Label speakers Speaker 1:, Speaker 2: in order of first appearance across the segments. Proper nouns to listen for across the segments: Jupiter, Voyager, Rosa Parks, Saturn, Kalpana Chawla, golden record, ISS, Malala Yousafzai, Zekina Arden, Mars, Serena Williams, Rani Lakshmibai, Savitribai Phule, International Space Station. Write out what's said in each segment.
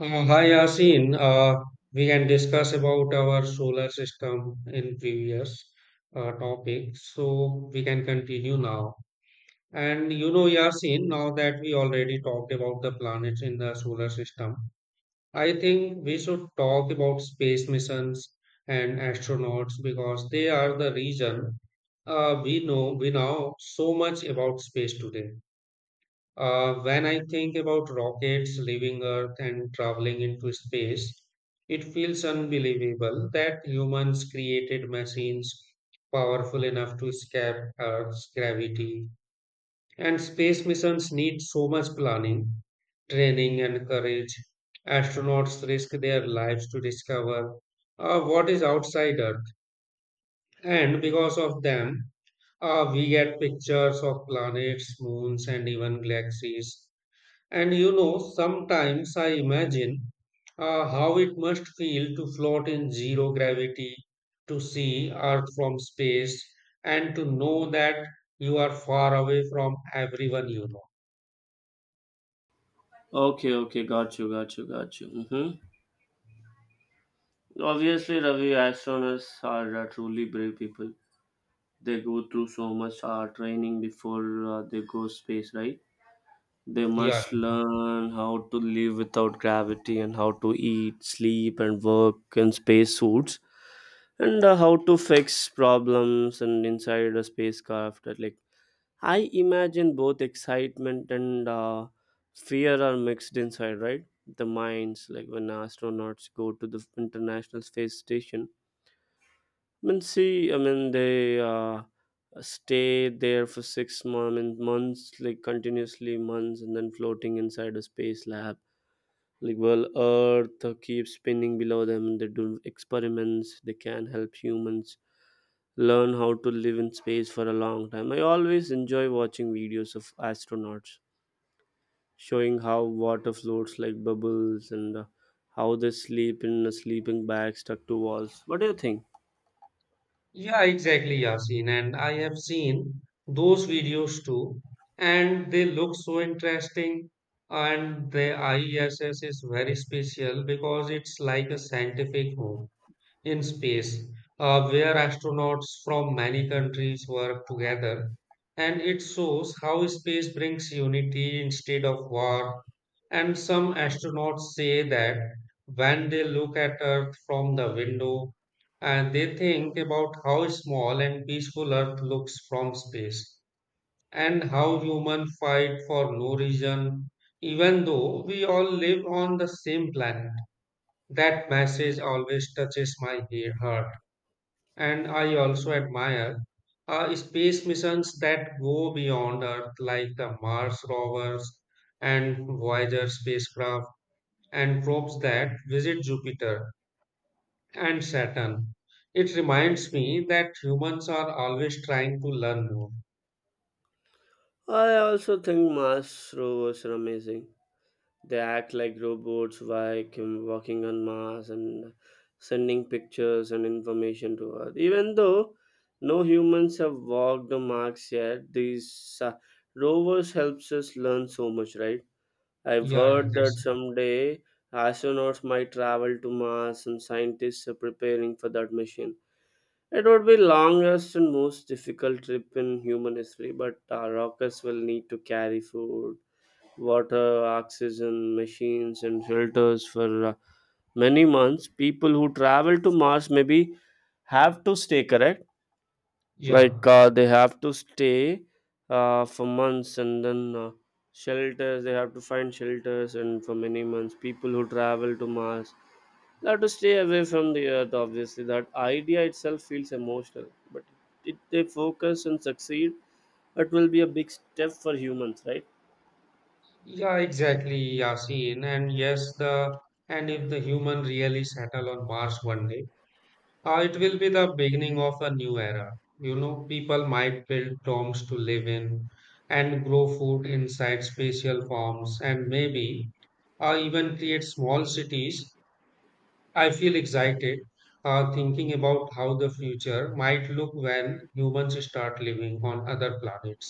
Speaker 1: Hi Yasin, we can discuss about our solar system in previous topic, so we can continue now. And you know, Yasin, now that we already talked about the planets in the solar system, I think we should talk about space missions and astronauts because they are the reason we know so much about space today. When I think about rockets leaving Earth and traveling into space, it feels unbelievable that humans created machines powerful enough to escape Earth's gravity. And space missions need so much planning, training, and courage. Astronauts risk their lives to discover what is outside Earth. And because of them, we get pictures of planets, moons, and even galaxies and you know, sometimes I imagine how it must feel to float in zero gravity, to see Earth from space, and to know that you are far away from everyone you know.
Speaker 2: Okay, okay, got you, got you, got you. Mm-hmm. Obviously, Ravi, astronauts are truly brave people. They go through so much training before they go space, right? They
Speaker 1: Yeah,
Speaker 2: must learn how to live without gravity and how to eat, sleep, and work in space suits, and how to fix problems and inside a spacecraft. Like I imagine both excitement and fear are mixed inside, right? The minds, like when astronauts go to the International Space Station. I mean, see, I mean, they stay there for 6 months, I mean, months, like continuously months, and then floating inside a space lab. Like, well, Earth keeps spinning below them. They do experiments. They can help humans learn how to live in space for a long time. I always enjoy watching videos of astronauts showing how water floats like bubbles and how they sleep in a sleeping bag stuck to walls. What do you think?
Speaker 1: yeah, exactly, Yasin. And I have seen those videos too, and they look so interesting. And the ISS is very special because it's like a scientific home in space, where astronauts from many countries work together. And it shows how space brings unity instead of war. And some astronauts say that when they look at Earth from the window, and they think about how small and peaceful Earth looks from space, and how humans fight for no reason, even though we all live on the same planet. That message always touches my heart. And I also admire space missions that go beyond Earth, like the Mars rovers and Voyager spacecraft, and probes that visit Jupiter and Saturn. It reminds me that humans are always trying to learn more.
Speaker 2: I also think Mars rovers are amazing. They act like robots vacuum walking on Mars and sending pictures and information to Earth. Even though no humans have walked the Mars yet, these rovers helps us learn so much, right? I've
Speaker 1: Yeah, yeah,
Speaker 2: heard that
Speaker 1: that's
Speaker 2: someday astronauts might travel to Mars and scientists are preparing for that mission. It would be longest and most difficult trip in human history, but our rockets will need to carry food, water, oxygen, machines, and filters for many months. People who travel to Mars maybe have to stay correct,
Speaker 1: yeah,
Speaker 2: like they have to stay for months, and then shelters, they have to find shelters and for many months. People who travel to Mars, they have to stay away from the Earth. Obviously, that idea itself feels emotional, but if they focus and succeed, it will be a big step for humans, right?
Speaker 1: yeah, exactly, Yasin. And yes, the and if the human really settle on Mars one day, it will
Speaker 2: Hmm,
Speaker 1: be the beginning of a new era. You know, people might build domes to live in and grow food inside spatial forms and maybe even create small cities. I feel excited thinking about how the future might look when humans start living on other planets.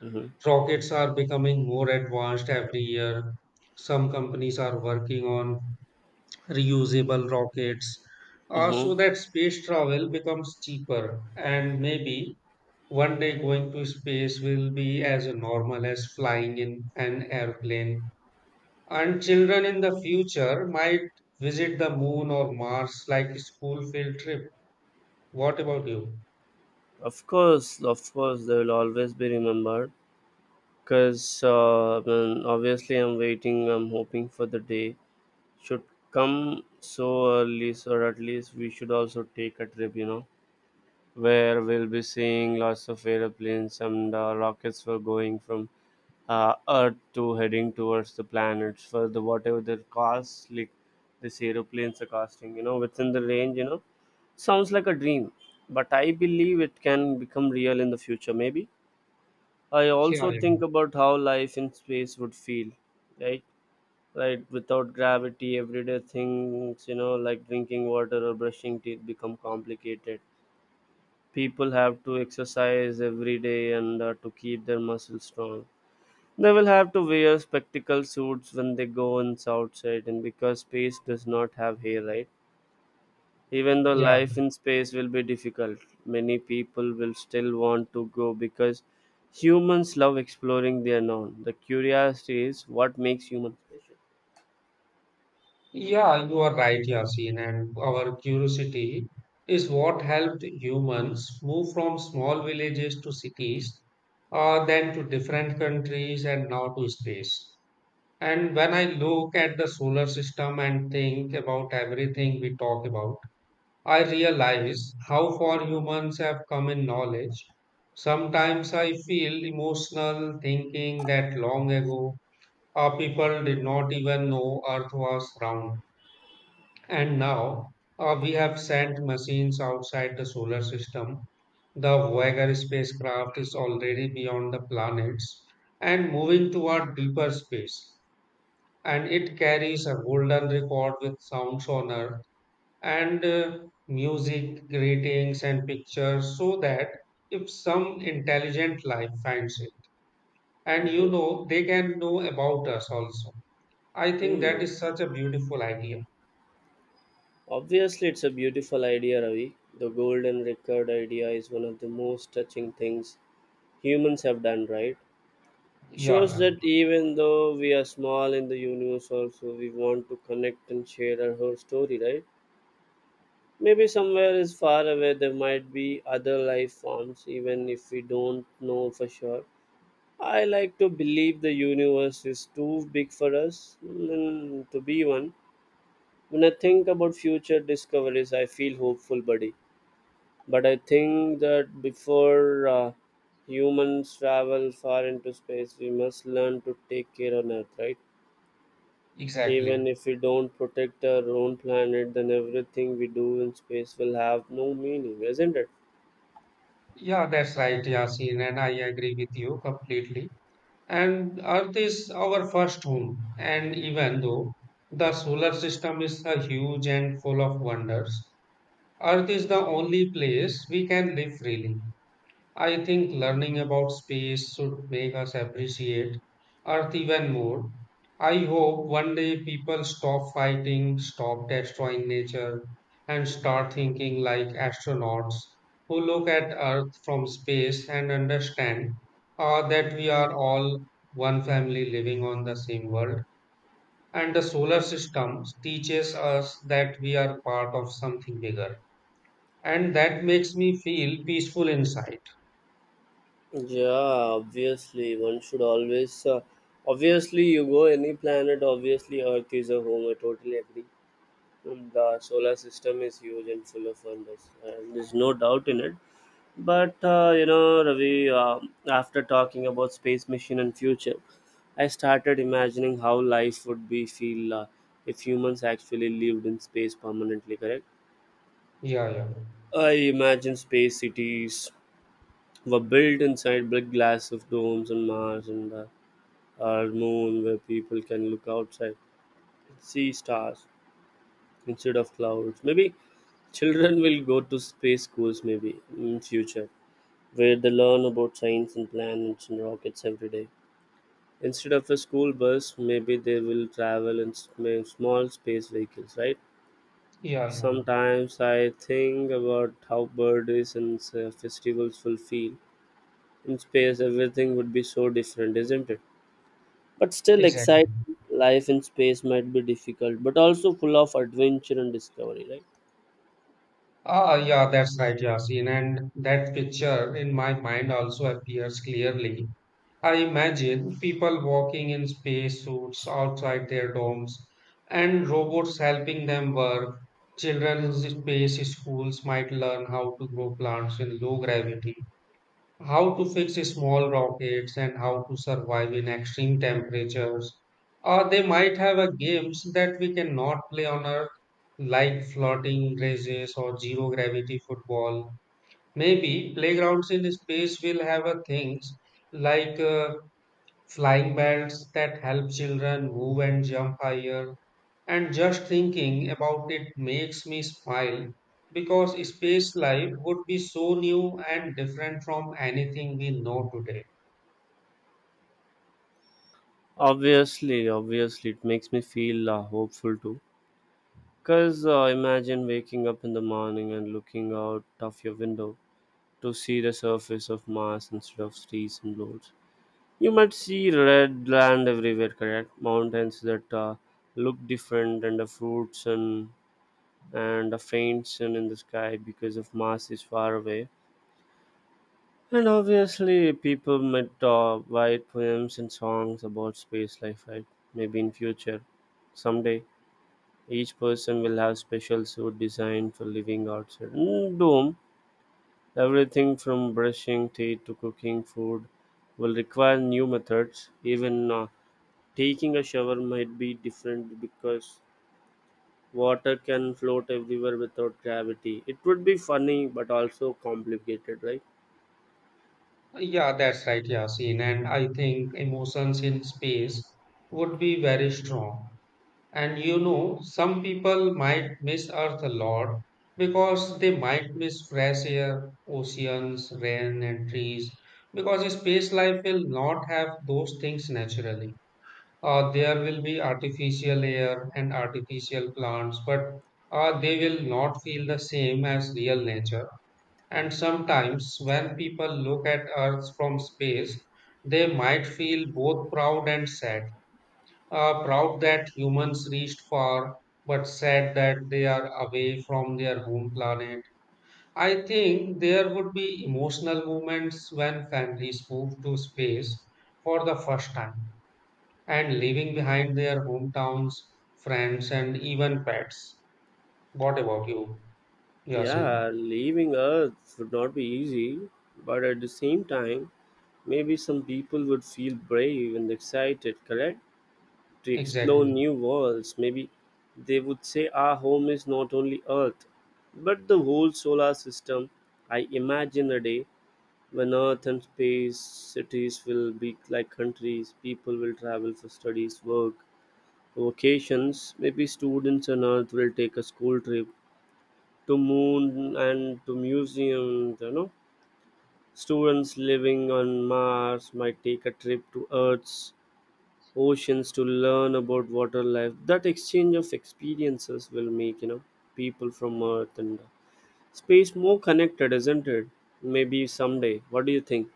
Speaker 2: hmm,
Speaker 1: Rockets are becoming more advanced every year. Some companies are working on reusable rockets,
Speaker 2: hmm.
Speaker 1: so that space travel becomes cheaper. And maybe one day going to space will be as normal as flying in an airplane. And children in the future might visit the moon or Mars like a school field trip. What about you?
Speaker 2: Of course, of course, they will always be remembered, because I mean, obviously, I'm hoping for the day should come so early, so at least we should also take a trip where we'll be seeing lots of airplanes and rockets for going from Earth to heading towards the planets, for the whatever their cost, like these aeroplanes are costing within the range. Sounds like a dream, but I believe it can become real in the future. Maybe I
Speaker 1: Yeah,
Speaker 2: also think
Speaker 1: yeah.
Speaker 2: about how life in space would feel, right? Right, without gravity, everyday things like drinking water or brushing teeth become complicated. People have to exercise every day and to keep their muscles strong. They will have to wear spectacle suits when they go on outside, and because space does not have hair, right? Even though
Speaker 1: Yeah.
Speaker 2: life in space will be difficult, many people will still want to go because humans love exploring the unknown. The curiosity is what makes humans special.
Speaker 1: Yeah, you are right, Yasin, and our curiosity is what helped humans move from small villages to cities, then to different countries, and now to space. And when I look at the solar system and think about everything we talk about, I realize how far humans have come in knowledge. Sometimes I feel emotional thinking that long ago, our people did not even know Earth was round and now we have sent machines outside the solar system. The Voyager spacecraft is already beyond the planets and moving toward deeper space. And it carries a golden record with sounds on Earth and music, greetings, and pictures so that if some intelligent life finds it, and you
Speaker 2: Mhm.
Speaker 1: know, they can know about us also. I think that
Speaker 2: Mm.
Speaker 1: is such a beautiful idea.
Speaker 2: Obviously, it's a beautiful idea, Ravi. The golden record idea is one of the most touching things humans have done, right?
Speaker 1: Yeah,
Speaker 2: Shows
Speaker 1: yeah,
Speaker 2: that even though we are small in the universe, also we want to connect and share our whole story, right? Maybe somewhere is far away there might be other life forms, even if we don't know for sure. I like to believe the universe is too big for us to be one. When I think about future discoveries, I feel hopeful, buddy. But I think that before humans travel far into space, we must learn to take care on Earth, right?
Speaker 1: exactly.
Speaker 2: Even if we don't protect our own planet, then everything we do in space will have no meaning, isn't it?
Speaker 1: Yeah, that's right, Yasin, and I agree with you completely. And Earth is our first home, and even though the solar system is a huge and full of wonders, Earth is the only place we can live freely. I think learning about space should make us appreciate Earth even more. I hope one day people stop fighting, stop destroying nature, and start thinking like astronauts who look at Earth from space and understand that we are all one family living on the same world. And the solar system teaches us that we are part of something bigger. And that makes me feel peaceful inside.
Speaker 2: Yeah, obviously, one should always. Obviously, you go any planet, obviously, Earth is a home. I totally agree. The solar system is huge and full of wonders, and there's no doubt in it. But Ravi, after talking about space mission and future, I started imagining how life would be feel if humans actually lived in space permanently. Correct?
Speaker 1: Yeah, yeah.
Speaker 2: I imagine space cities were built inside big glass of domes on Mars and our moon, where people can look outside, see stars instead of clouds. Maybe children will go to space schools maybe in future, where they learn about science and planets and rockets every day. Instead of a school bus, maybe they will travel in small space vehicles, right?
Speaker 1: Yeah, yeah,
Speaker 2: Sometimes I think about how birthdays and festivals will feel. In space, everything would be so different, isn't it? But still
Speaker 1: exactly.
Speaker 2: exciting. Life in space might be difficult, but also full of adventure and discovery, right?
Speaker 1: Ah, yeah, that's right, Yasin. And that picture in my mind also appears clearly. I imagine people walking in spacesuits outside their domes and robots helping them work. Children in space schools might learn how to grow plants in low gravity. How to fix small rockets and how to survive in extreme temperatures. Or they might have a games that we cannot play on Earth, like floating races or zero gravity football. Maybe playgrounds in space will have a things like flying belts that help children move and jump higher, and just thinking about it makes me smile because space life would be so new and different from anything we know today.
Speaker 2: Obviously, obviously, it makes me feel hopeful too. Because imagine waking up in the morning and looking out of your window to see the surface of Mars instead of trees and roads. You might see red land everywhere, correct? Mountains that look different, and the fruits and a faint sun in the sky because of Mars is far away. And obviously, people might write poems and songs about space life, right? Maybe in future, someday. Each person will have special suit designed for living outside. Doom, everything from brushing teeth to cooking food will require new methods. Even taking a shower might be different because water can float everywhere without gravity. It would be funny but also complicated, right?
Speaker 1: Yeah, that's right, Yasin. And I think emotions in space would be very strong. And you know, some people might miss Earth a lot because they might miss fresh air, oceans, rain, and trees because space life will not have those things naturally. There will be artificial air and artificial plants, but they will not feel the same as real nature. And sometimes, when people look at Earth from space, they might feel both proud and sad. Proud that humans reached far, but sad that they are away from their home planet. I think there would be emotional moments when families move to space for the first time and leaving behind their hometowns, friends, and even pets. What about you, Yasin?
Speaker 2: Yeah, leaving Earth would not be easy, but at the same time, maybe some people would feel brave and excited, correct? To explore
Speaker 1: Exactly.
Speaker 2: new worlds. Maybe they would say our home is not only Earth, but the whole solar system. I imagine a day when Earth and space cities will be like countries. People will travel for studies, work, vacations. Maybe students on Earth will take a school trip to moon and to museums. Students living on Mars might take a trip to Earth's oceans to learn about water life. That exchange of experiences will make people from Earth and space more connected, isn't it? Maybe someday. What do you think?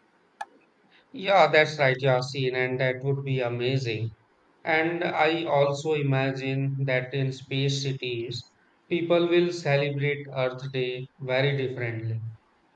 Speaker 1: Yeah, that's right, Yasin, and that would be amazing. And I also imagine that in space cities, people will celebrate Earth Day very differently.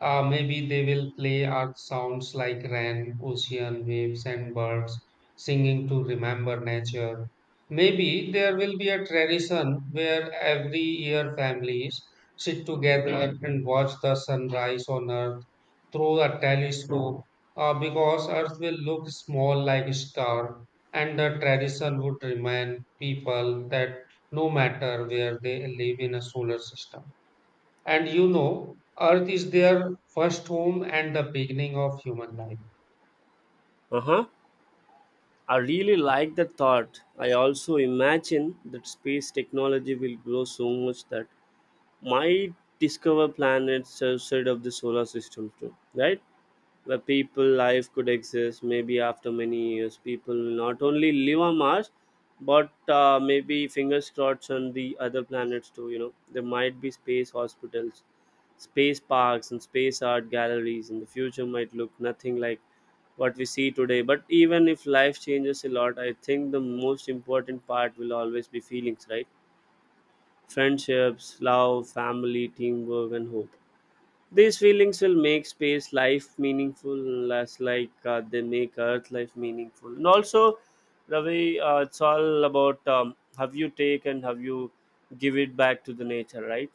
Speaker 1: Maybe they will play Earth sounds like rain, ocean waves, and birds singing to remember nature. Maybe there will be a tradition where every year families sit together and watch the sunrise on Earth through a telescope because Earth will look small like a star, and the tradition would remind people that no matter where they live in a solar system. And you know, Earth is their first home and the beginning of human life.
Speaker 2: Uh-huh. I really like that thought. I also imagine that space technology will grow so much that might discover planets outside of the solar system too, right? Where people life could exist. Maybe after many years, people will not only live on Mars, but maybe fingers crossed on the other planets too. There might be space hospitals, space parks, and space art galleries, and the future might look nothing like what we see today. But even if life changes a lot, I think the most important part will always be feelings, right? Friendships, love, family, teamwork, and hope, these feelings will make space life meaningful, less like they make Earth life meaningful. And also, Ravi, it's all about how you take and how you give it back to the nature, right?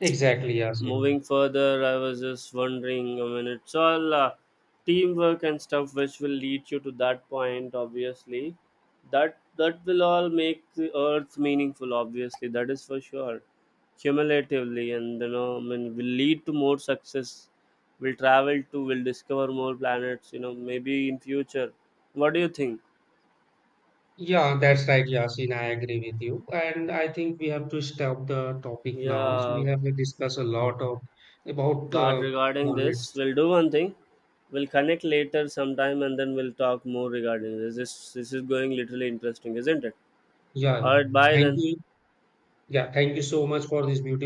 Speaker 1: Exactly, Yasin.
Speaker 2: Moving further, I was just wondering, I mean, it's all teamwork and stuff which will lead you to that point, obviously. That will all make the Earth meaningful. Obviously, that is for sure, cumulatively, and I mean will lead to more success. We will discover more planets, maybe in future. What do you think?
Speaker 1: Yeah, that's right, Yasin. I agree with you. And I think we have to stop the topic now. So we
Speaker 2: Yeah.
Speaker 1: have discussed a lot of about
Speaker 2: God, regarding this,
Speaker 1: planets.
Speaker 2: we'll do one thing. We'll connect later sometime and then we'll talk more regarding this. This is going literally interesting, isn't it?
Speaker 1: Yeah,
Speaker 2: All
Speaker 1: yeah.
Speaker 2: right, bye
Speaker 1: Thank
Speaker 2: then.
Speaker 1: you. Yeah, thank you so much for this beautiful.